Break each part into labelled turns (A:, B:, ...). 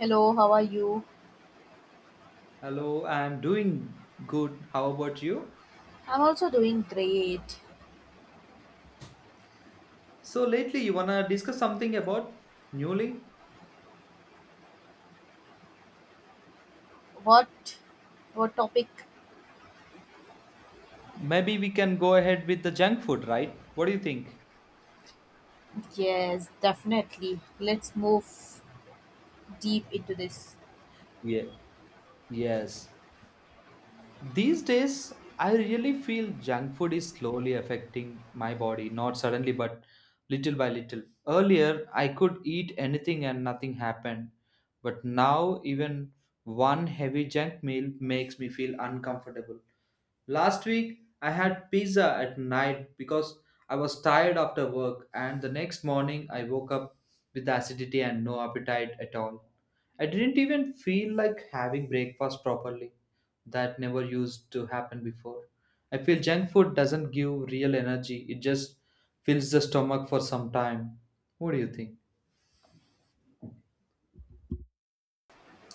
A: Hello, how are you?
B: Hello, I'm doing good. How about you?
A: I'm also doing great.
B: So lately you wanna discuss something about newly?
A: What what topic?
B: Maybe we can go ahead with the junk food, right? What do you think?
A: Yes, definitely. Let's move deep into this.
B: Yeah. Yes. These days I really feel junk food is slowly affecting my body, not suddenly but little by little. Earlier I could eat anything and nothing happened, but now even one heavy junk meal makes me feel uncomfortable. Last week, I had pizza at night because I was tired after work, and the next morning, I woke up with acidity and no appetite at all. I didn't even feel like having breakfast properly. That never used to happen before. I feel junk food doesn't give real energy, it just fills the stomach for some time. What do you think?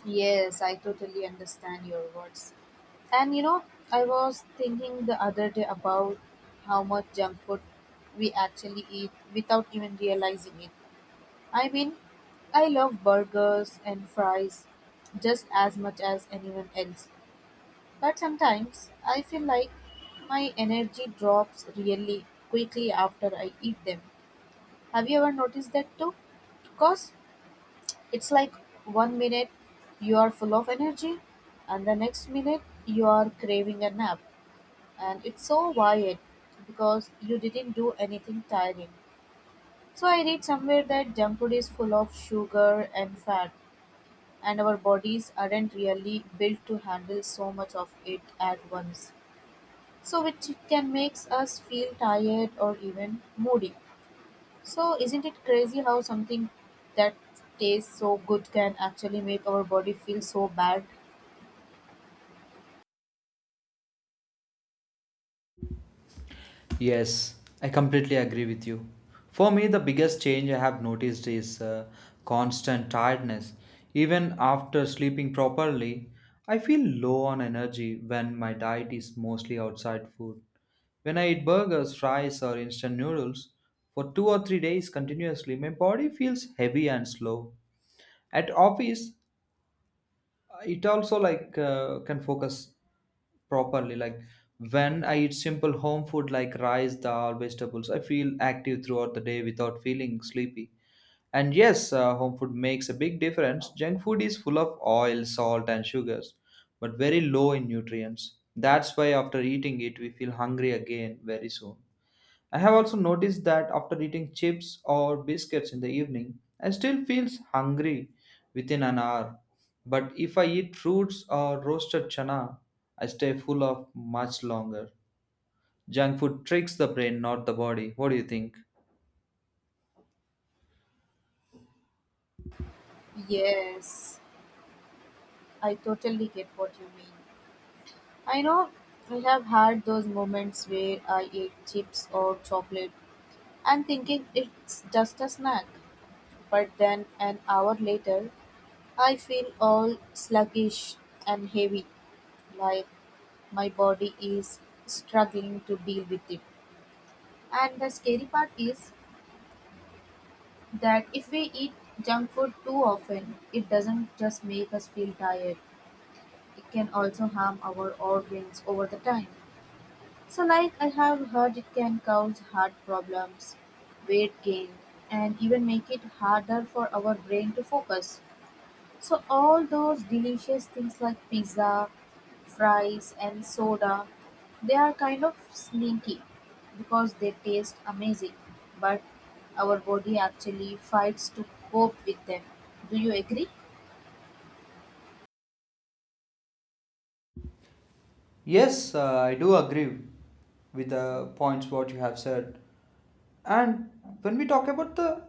A: Yes, I totally understand your words. And you know, I was thinking the other day about how much junk food we actually eat without even realizing it. I mean, I love burgers and fries just as much as anyone else. But sometimes I feel like my energy drops really quickly after I eat them. Have you ever noticed that too? Because it's like one minute you are full of energy, and the next minute you are craving a nap. And it's so wired because you didn't do anything tiring. So I read somewhere that junk food is full of sugar and fat, and our bodies aren't really built to handle so much of it at once, so which can makes us feel tired or even moody. So isn't it crazy how something that tastes so good can actually make our body feel so bad?
B: Yes, I completely agree with you. For me, the biggest change I have noticed is constant tiredness. Even after sleeping properly, I feel low on energy when my diet is mostly outside food. When I eat burgers, fries, or instant noodles for 2 or 3 days continuously, my body feels heavy and slow. At office, it also like can focus properly, like when I eat simple home food like rice dal vegetables, I feel active throughout the day without feeling sleepy. And yes, home food makes a big difference. Junk food is full of oil, salt, and sugars, but very low in nutrients. That's why after eating it we feel hungry again very soon. I have also noticed that after eating chips or biscuits in the evening, I still feel hungry within an hour. But if I eat fruits or roasted chana, I stay full of much longer. Junk food tricks the brain, not the body. What do you think?
A: Yes, I totally get what you mean. I know I have had those moments where I ate chips or chocolate and thinking it's just a snack. But then, an hour later, I feel all sluggish and heavy, like my body is struggling to deal with it. And the scary part is that if we eat junk food too often, it doesn't just make us feel tired, it can also harm our organs over the time. So, like I have heard, it can cause heart problems, weight gain, and even make it harder for our brain to focus. So all those delicious things like pizza, fries and soda, they are kind of sneaky because they taste amazing, but our body actually fights to cope with them. Do you agree?
B: Yes, I do agree with the points what you have said. And when we talk about the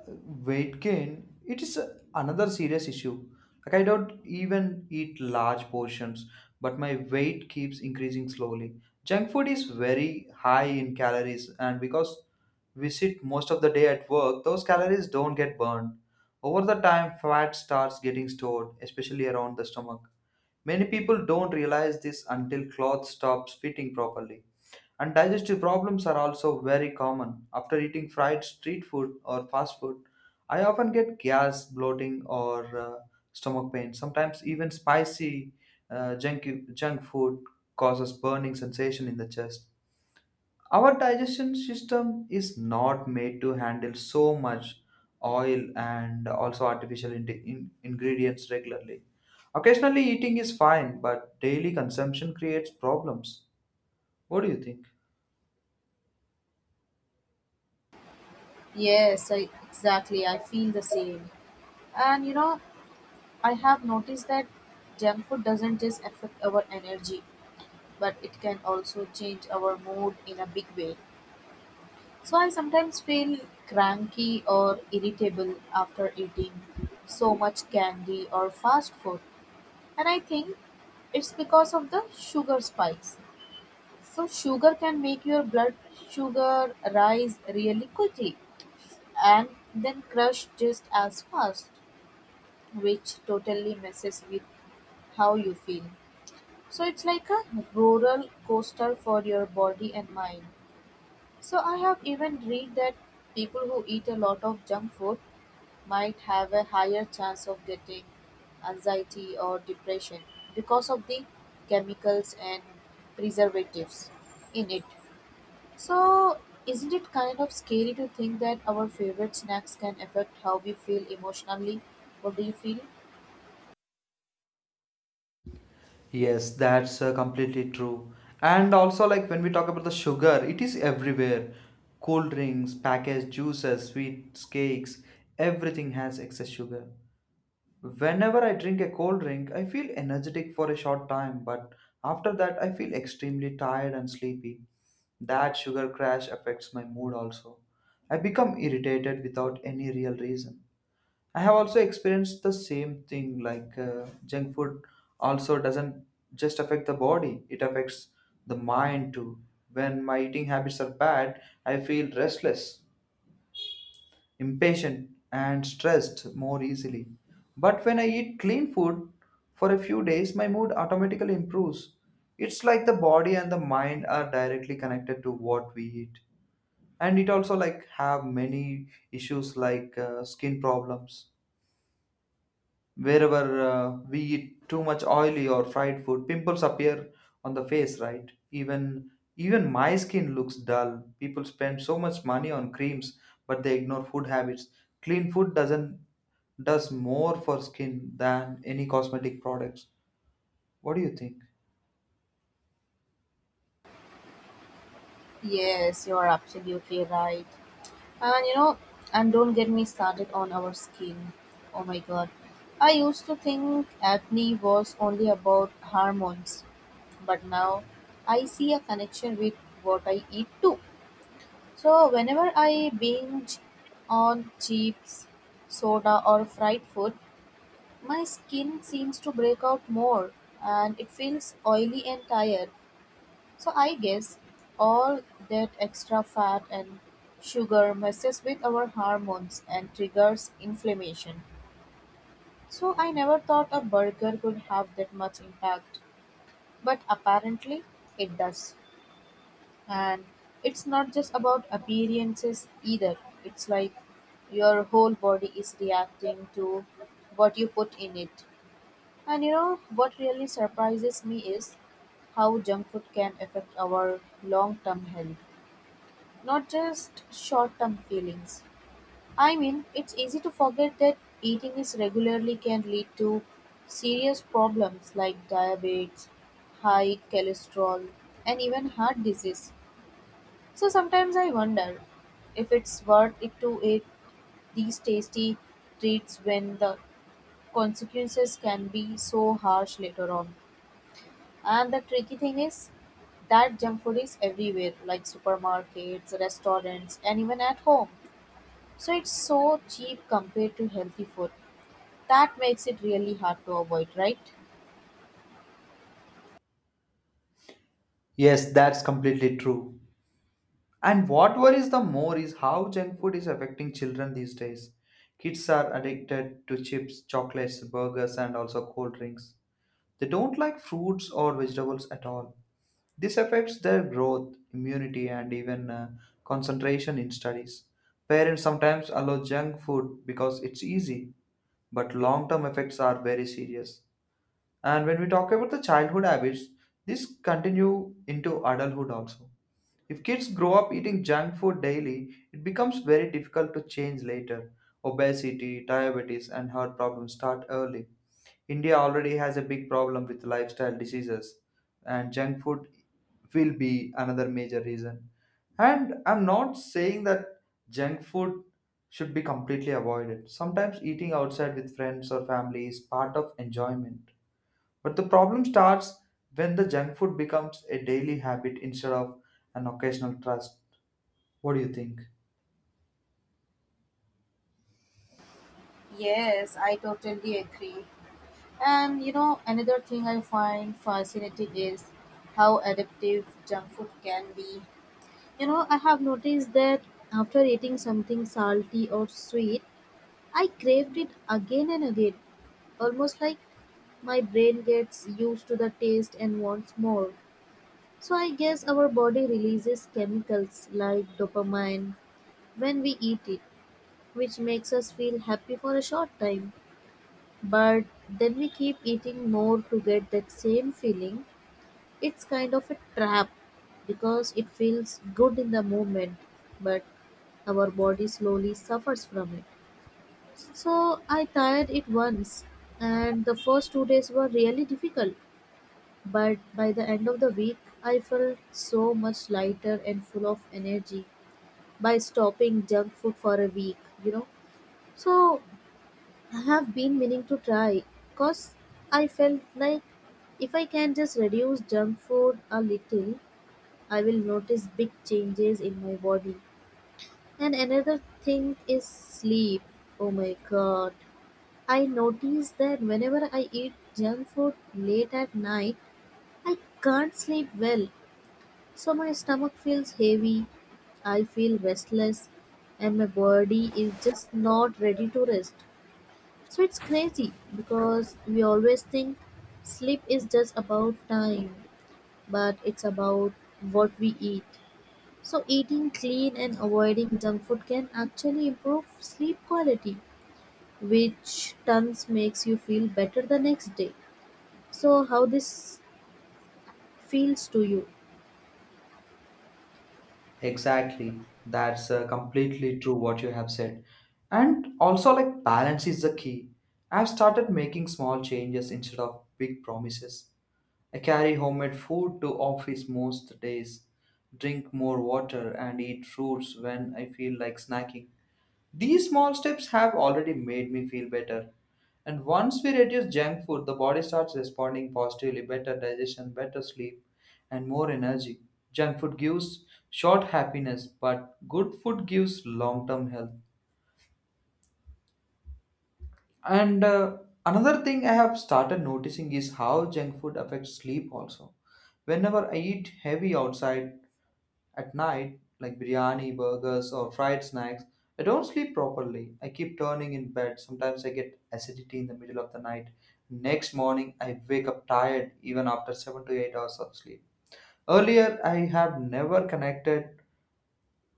B: weight gain, it is another serious issue. Like I don't even eat large portions, but my weight keeps increasing slowly. Junk food is very high in calories, and because we sit most of the day at work, those calories don't get burned. Over the time, fat starts getting stored, especially around the stomach. Many people don't realize this until clothes stops fitting properly. And digestive problems are also very common. After eating fried street food or fast food, I often get gas, bloating, or stomach pain. Sometimes even spicy uh, junk, junk food causes burning sensation in the chest. Our digestion system is not made to handle so much oil and also artificial ingredients regularly. Occasionally eating is fine, but daily consumption creates problems. What do you think?
A: Yes, I, exactly. I feel the same. And you know, I have noticed that junk food doesn't just affect our energy, but it can also change our mood in a big way. So I sometimes feel cranky or irritable after eating so much candy or fast food. And I think it's because of the sugar spikes. So sugar can make your blood sugar rise really quickly and then crush just as fast, which totally messes with how you feel. So it's like a roller coaster for your body and mind. So I have even read that people who eat a lot of junk food might have a higher chance of getting anxiety or depression because of the chemicals and preservatives in it. So isn't it kind of scary to think that our favorite snacks can affect how we feel emotionally? What do you feel?
B: Yes, that's completely true. And also, like when we talk about the sugar, it is everywhere. Cool drinks, packaged juices, sweets, cakes, everything has excess sugar. Whenever I drink a cold drink, I feel energetic for a short time, but after that, I feel extremely tired and sleepy. That sugar crash affects my mood also. I become irritated without any real reason. I have also experienced the same thing, like junk food also doesn't just affect the body, it affects the mind too. When my eating habits are bad, I feel restless, impatient, and stressed more easily. But when I eat clean food for a few days, my mood automatically improves. It's like the body and the mind are directly connected to what we eat. And it also like have many issues, like skin problems. Wherever we eat too much oily or fried food, pimples appear on the face, right? Even my skin looks dull. People spend so much money on creams, but they ignore food habits. Clean food doesn't does more for skin than any cosmetic products. What do you think?
A: Yes, you are absolutely right. And you know, and don't get me started on our skin. Oh my god. I used to think acne was only about hormones, but now I see a connection with what I eat too. So whenever I binge on chips, soda or fried food, my skin seems to break out more and it feels oily and tired. So I guess all that extra fat and sugar messes with our hormones and triggers inflammation. So I never thought a burger could have that much impact, but apparently it does. And it's not just about appearances either. It's like your whole body is reacting to what you put in it. And you know what really surprises me is how junk food can affect our long-term health. Not just short-term feelings. I mean, it's easy to forget that eating this regularly can lead to serious problems like diabetes, high cholesterol, and even heart disease. So sometimes I wonder if it's worth it to eat these tasty treats when the consequences can be so harsh later on. And the tricky thing is that junk food is everywhere, like supermarkets, restaurants, and even at home. So it's so cheap compared to healthy food. That makes it really hard to avoid, right?
B: Yes, that's completely true. And what worries the more is how junk food is affecting children these days. Kids are addicted to chips, chocolates, burgers, and also cold drinks. They don't like fruits or vegetables at all. This affects their growth, immunity, and even concentration in studies. Parents sometimes allow junk food because it's easy, but long term effects are very serious. And when we talk about the childhood habits, this continue into adulthood also. If kids grow up eating junk food daily, it becomes very difficult to change later. Obesity, diabetes, and heart problems start early. India already has a big problem with lifestyle diseases, and junk food will be another major reason. And I'm not saying that junk food should be completely avoided. Sometimes eating outside with friends or family is part of enjoyment. But the problem starts when the junk food becomes a daily habit instead of an occasional trust. What do you think?
A: Yes, I totally agree. And you know, another thing I find fascinating is how addictive junk food can be. You know, I have noticed that after eating something salty or sweet, I craved it again and again, almost like my brain gets used to the taste and wants more. So I guess our body releases chemicals like dopamine when we eat it, which makes us feel happy for a short time. But then we keep eating more to get that same feeling. It's kind of a trap because it feels good in the moment, but our body slowly suffers from it. So I tried it once, and the first 2 days were really difficult. But by the end of the week, I felt so much lighter and full of energy by stopping junk food for a week, you know. So I have been meaning to try because I felt like if I can just reduce junk food a little, I will notice big changes in my body. And another thing is sleep. Oh my god. I notice that whenever I eat junk food late at night, I can't sleep well. So my stomach feels heavy, I feel restless, and my body is just not ready to rest. So it's crazy because we always think sleep is just about time, but it's about what we eat. So eating clean and avoiding junk food can actually improve sleep quality, which tons makes you feel better the next day. So how this feels to you?
B: Exactly. That's completely true what you have said. And also, like, balance is the key. I've started making small changes instead of big promises. I carry homemade food to office most days, drink more water, and eat fruits when I feel like snacking. These small steps have already made me feel better. And once we reduce junk food, the body starts responding positively, better digestion, better sleep, and more energy. Junk food gives short happiness, but good food gives long term health. And another thing I have started noticing is how junk food affects sleep also. Whenever I eat heavy outside at night, like biryani, burgers, or fried snacks, I don't sleep properly. I keep turning in bed. Sometimes I get acidity in the middle of the night. Next morning, I wake up tired even after 7 to 8 hours of sleep. Earlier, I have never connected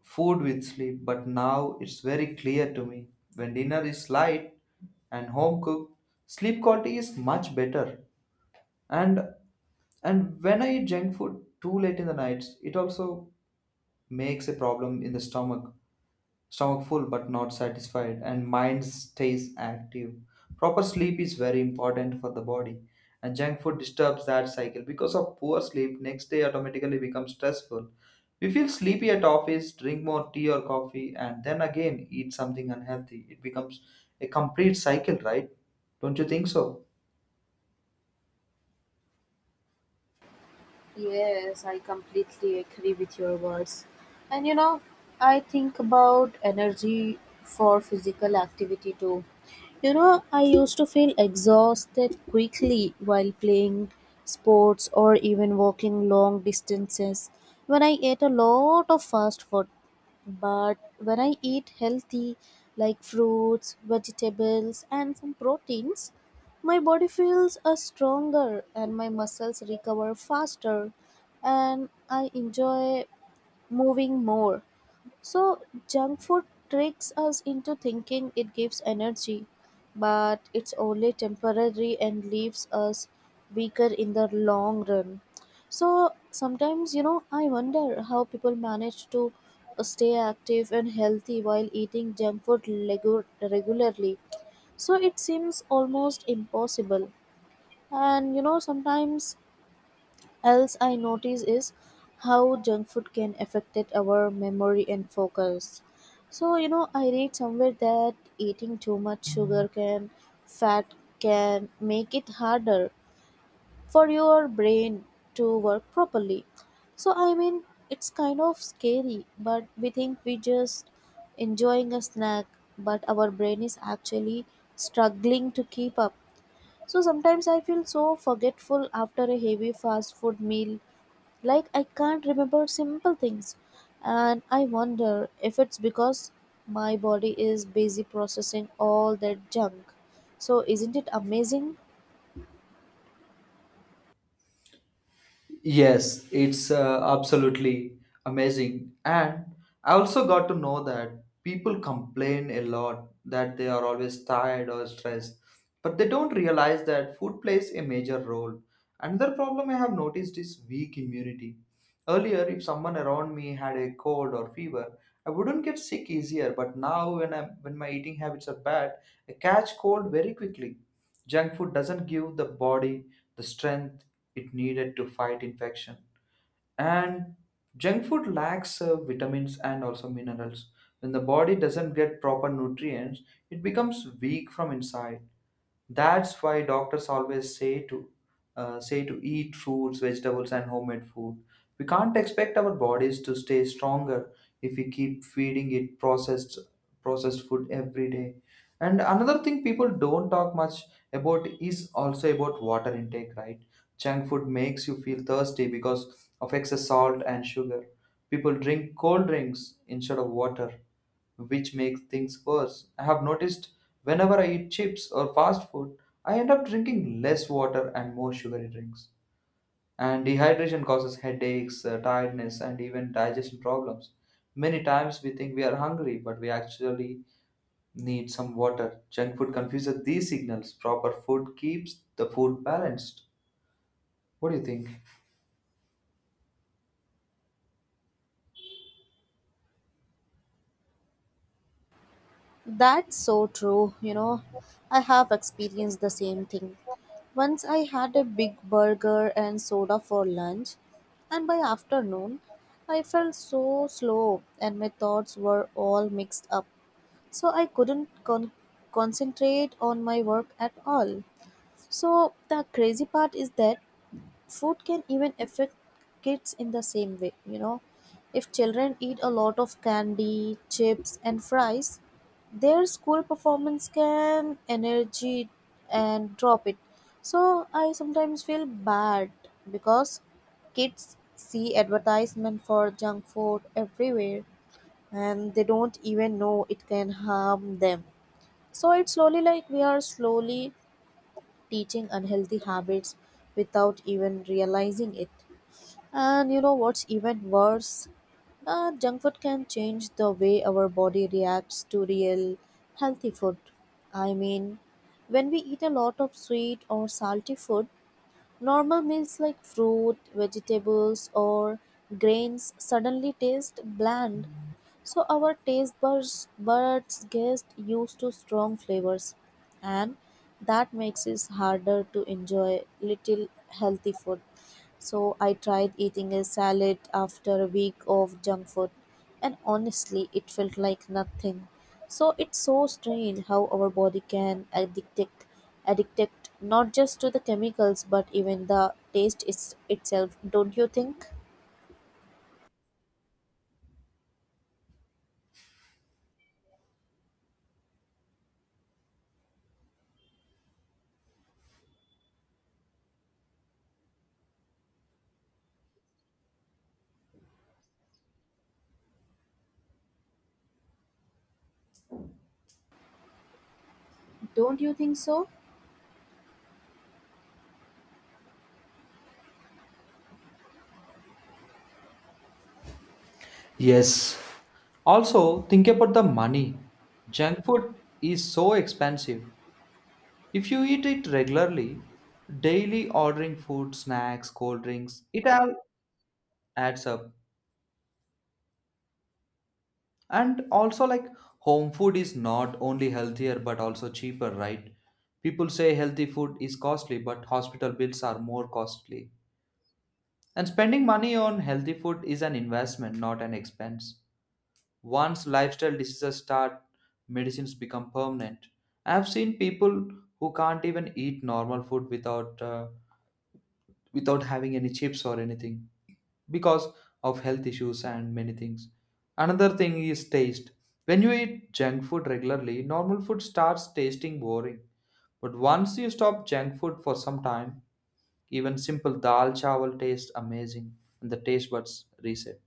B: food with sleep, but now it's very clear to me. When dinner is light and home cooked, sleep quality is much better. And and when I eat junk food too late in the nights, it also makes a problem in the stomach. Stomach full but not satisfied and mind stays active. Proper sleep is very important for the body, and junk food disturbs that cycle. Because of poor sleep, next day automatically becomes stressful. We feel sleepy at office, drink more tea or coffee, and then again eat something unhealthy. It becomes a complete cycle, right? Don't you think so?
A: Yes, I completely agree with your words. And you know, I think about energy for physical activity too. You know, I used to feel exhausted quickly while playing sports or even walking long distances when I ate a lot of fast food. But when I eat healthy, like fruits, vegetables, and some proteins, my body feels stronger and my muscles recover faster and I enjoy moving more. So, junk food tricks us into thinking it gives energy, but it's only temporary and leaves us weaker in the long run. So, sometimes, you know, I wonder how people manage to stay active and healthy while eating junk food regularly. So, it seems almost impossible. And, you know, sometimes else I notice is how junk food can affected our memory and focus. So you know, I read somewhere that eating too much sugar can fat can make it harder for your brain to work properly. So I mean, it's kind of scary, but we think we just enjoying a snack, but our brain is actually struggling to keep up. So sometimes I feel so forgetful after a heavy fast food meal like, I can't remember simple things, and I wonder if it's because my body is busy processing all that junk. So, isn't it amazing?
B: Yes, it's absolutely amazing. And I also got to know that people complain a lot that they are always tired or stressed, but they don't realize that food plays a major role. Another problem I have noticed is weak immunity. Earlier, if someone around me had a cold or fever, I wouldn't get sick easier, but now when I'm when my eating habits are bad, I catch cold very quickly. Junk food doesn't give the body the strength it needed to fight infection. And junk food lacks vitamins and also minerals. When the body doesn't get proper nutrients, it becomes weak from inside. That's why doctors always say to eat fruits, vegetables, and homemade food. We can't expect our bodies to stay stronger if we keep feeding it processed food every day. And another thing people don't talk much about is also about water intake, right? Junk food makes you feel thirsty because of excess salt and sugar. People drink cold drinks instead of water, which makes things worse. I have noticed whenever I eat chips or fast food, I end up drinking less water and more sugary drinks. And dehydration causes headaches, tiredness, and even digestion problems. Many times we think we are hungry, but we actually need some water. Junk food confuses these signals. Proper food keeps the food balanced. What do you think?
A: That's so true, you know. I have experienced the same thing. Once I had a big burger and soda for lunch, and by afternoon, I felt so slow and my thoughts were all mixed up. So I couldn't concentrate on my work at all. So the crazy part is that food can even affect kids in the same way, you know. If children eat a lot of candy, chips and fries, their school performance can energy and drop it. So I sometimes feel bad because kids see advertisement for junk food everywhere and they don't even know it can harm them. So it's slowly like we are slowly teaching unhealthy habits without even realizing it. And you know what's even worse? Junk food can change the way our body reacts to real healthy food. I mean, when we eat a lot of sweet or salty food, normal meals like fruit, vegetables, or grains suddenly taste bland. So our taste buds get used to strong flavors, and that makes it harder to enjoy little healthy food. So I tried eating a salad after a week of junk food, and honestly, it felt like nothing. So it's so strange how our body can addict not just to the chemicals but even the taste is itself. Don't you think? Don't you think so?
B: Yes. Also, think about the money. Junk food is so expensive. If you eat it regularly, daily ordering food, snacks, cold drinks, it all adds up. And also, like home food is not only healthier but also cheaper, right? People say healthy food is costly, but hospital bills are more costly. And spending money on healthy food is an investment, not an expense. Once lifestyle diseases start, medicines become permanent. I've seen people who can't even eat normal food without having any chips or anything because of health issues and many things. Another thing is taste. When you eat junk food regularly, normal food starts tasting boring. But once you stop junk food for some time, even simple dal chawal tastes amazing and the taste buds reset.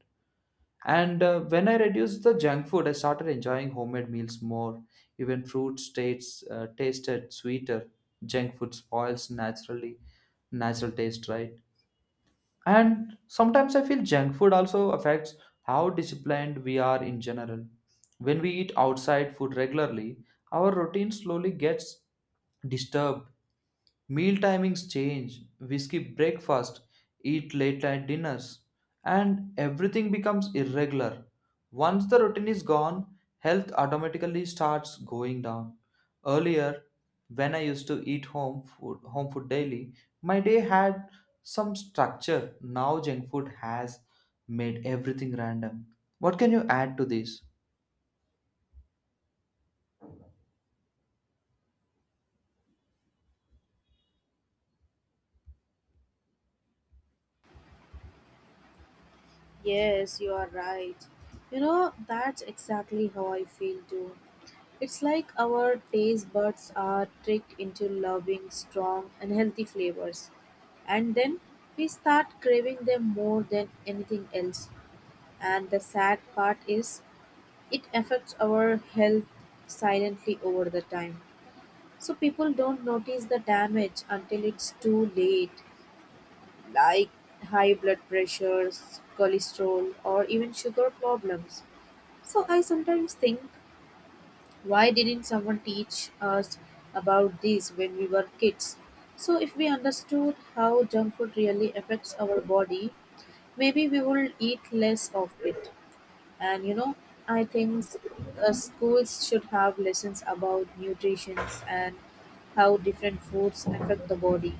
B: And when I reduced the junk food, I started enjoying homemade meals more. Even fruit states tasted sweeter. Junk food spoils naturally natural taste, right? And sometimes I feel junk food also affects how disciplined we are in general. When we eat outside food regularly, our routine slowly gets disturbed. Meal timings change. We skip breakfast, eat late night dinners, and everything becomes irregular. Once the routine is gone, health automatically starts going down. Earlier, when I used to eat home food daily, my day had some structure. Now junk food has made everything random. What can you add to this?
A: Yes, you are right. You know, that's exactly how I feel too. It's like our taste buds are tricked into loving strong, and healthy flavors. And then we start craving them more than anything else. And the sad part is, it affects our health silently over the time. So people don't notice the damage until it's too late, like high blood pressures, cholesterol, or even sugar problems. So I sometimes think why didn't someone teach us about this when we were kids? So, if we understood how junk food really affects our body, maybe we will eat less of it. And you know, I think schools should have lessons about nutrition and how different foods affect the body.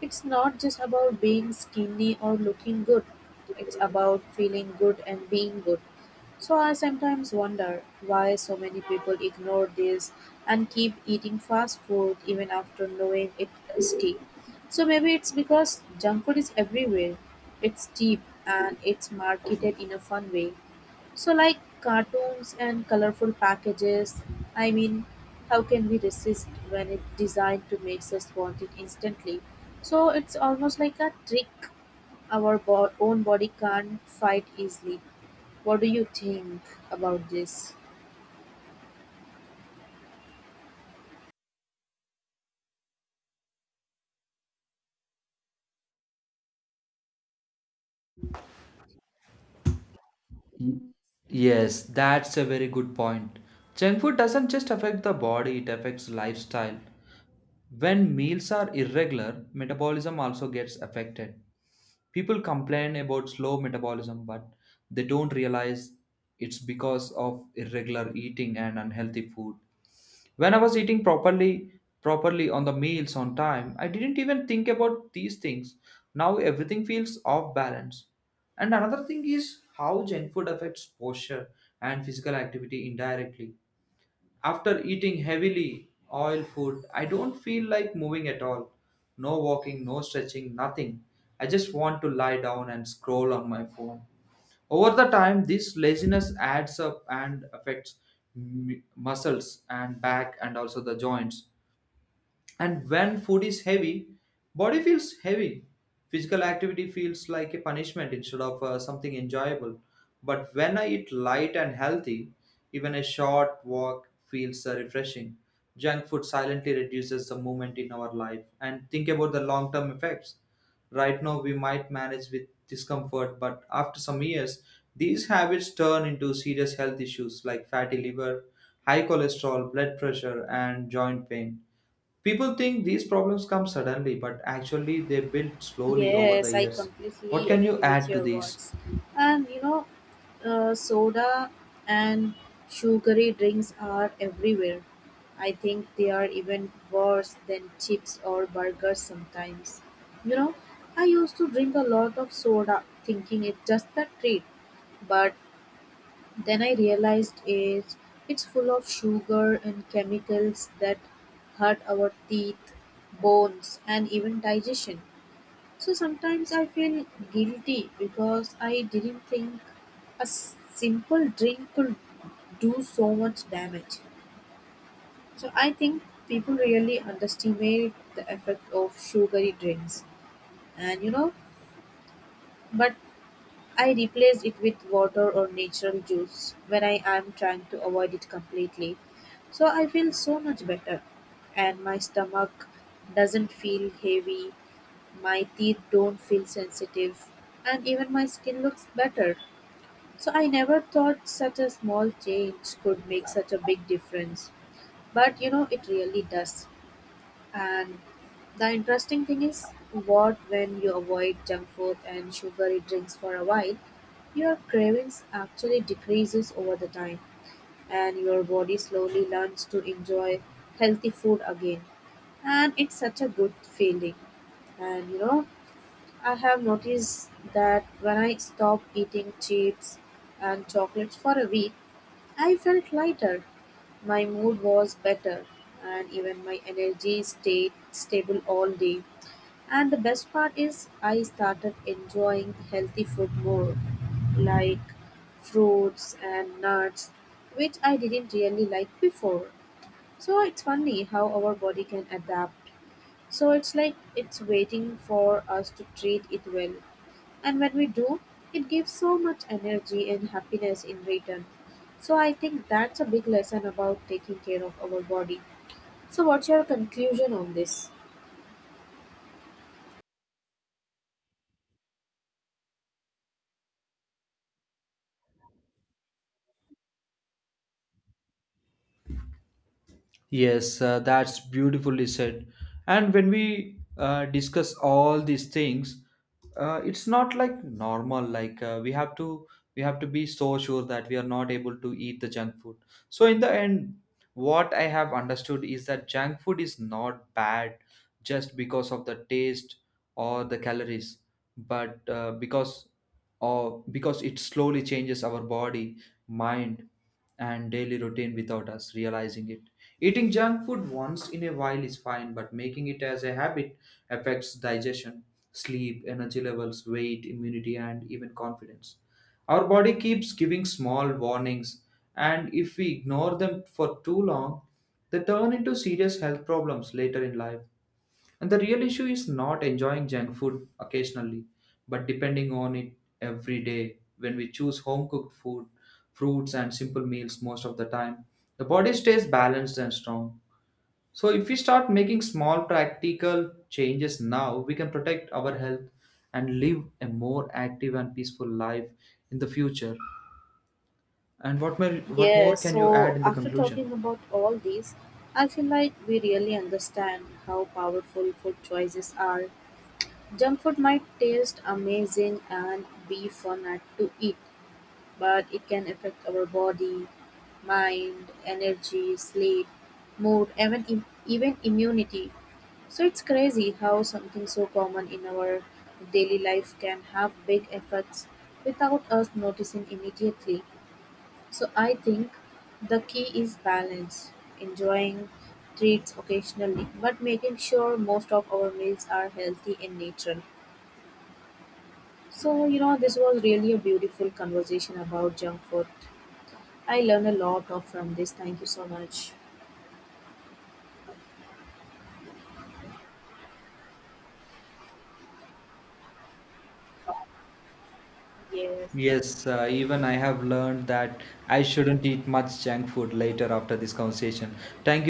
A: It's not just about being skinny or looking good. It's about feeling good and being good. So I sometimes wonder why so many people ignore this and keep eating fast food even after knowing it's risky. So maybe it's because junk food is everywhere. It's cheap and it's marketed in a fun way. So, like cartoons and colorful packages, I mean, how can we resist when it's designed to make us want it instantly? So, it's almost like a trick our own body can't fight easily. What do you think about this?
B: Yes, that's a very good point. Junk food doesn't just affect the body, it affects lifestyle. When meals are irregular, metabolism also gets affected. People complain about slow metabolism, but they don't realize it's because of irregular eating and unhealthy food. When I was eating properly on the meals on time, I didn't even think about these things. Now everything feels off balance. And another thing is how junk food affects posture and physical activity indirectly. After eating heavily oil food, I don't feel like moving at all. No walking, no stretching, nothing. I just want to lie down and scroll on my phone. Over the time, this laziness adds up and affects muscles and back and also the joints. And when food is heavy, body feels heavy. Physical activity feels like a punishment instead of something enjoyable. But when I eat light and healthy, even a short walk feels refreshing. Junk food silently reduces the movement in our life. And think about the long term effects. Right now we might manage with discomfort, but after some years these habits turn into serious health issues like fatty liver, high cholesterol, blood pressure, and joint pain. People think these problems come suddenly, but actually they build slowly over
A: Yes,
B: the
A: I
B: years. What
A: completely
B: can you
A: agree with
B: add to
A: your
B: these?
A: words. And you know, soda and sugary drinks are everywhere. I think they are even worse than chips or burgers sometimes. You know, I used to drink a lot of soda thinking it's just a treat, but then I realized it's full of sugar and chemicals that hurt our teeth, bones, and even digestion. So sometimes I feel guilty because I didn't think a simple drink could do so much damage. So I think people really underestimate the effect of sugary drinks. And you know, but I replace it with water or natural juice when I am trying to avoid it completely. So I feel so much better, and my stomach doesn't feel heavy, my teeth don't feel sensitive, and even my skin looks better. So I never thought such a small change could make such a big difference, but you know, it really does. And the interesting thing is, what when you avoid junk food and sugary drinks for a while, your cravings actually decreases over the time, and your body slowly learns to enjoy healthy food again. And it's such a good feeling. And you know, I have noticed that when I stop eating chips and chocolates for a week, I felt lighter, my mood was better, and even my energy stayed stable all day. And the best part is, I started enjoying healthy food more, like fruits and nuts, which I didn't really like before. So it's funny how our body can adapt. So it's like it's waiting for us to treat it well. And when we do, it gives so much energy and happiness in return. So I think that's a big lesson about taking care of our body. So what's your conclusion on this?
B: Yes, that's beautifully said. And when we discuss all these things, it's not like normal. Like we have to be so sure that we are not able to eat the junk food. So in the end, what I have understood is that junk food is not bad just because of the taste or the calories, but because Or because it slowly changes our body, mind, and daily routine without us realizing it. Eating junk food once in a while is fine, but making it as a habit affects digestion, sleep, energy levels, weight, immunity, and even confidence. Our body keeps giving small warnings, and if we ignore them for too long, they turn into serious health problems later in life. And the real issue is not enjoying junk food occasionally, but depending on it every day. When we choose home cooked food, fruits, and simple meals most of the time, the body stays balanced and strong. So, if we start making small practical changes now, we can protect our health and live a more active and peaceful life in the future. And what more
A: Yes,
B: can you
A: so
B: add in the
A: after talking
B: conclusion?
A: about all these, I feel like we really understand how powerful food choices are. Junk food might taste amazing and be fun to eat, but it can affect our body, mind, energy, sleep, mood, even immunity. So it's crazy how something so common in our daily life can have big effects without us noticing immediately. So I think the key is balance, enjoying treats occasionally, but making sure most of our meals are healthy in nature. So, you know, this was really a beautiful conversation about junk food. I learned a lot of from this. Thank you so much. Yes,
B: Yes, even I have learned that I shouldn't eat much junk food later after this conversation. Thank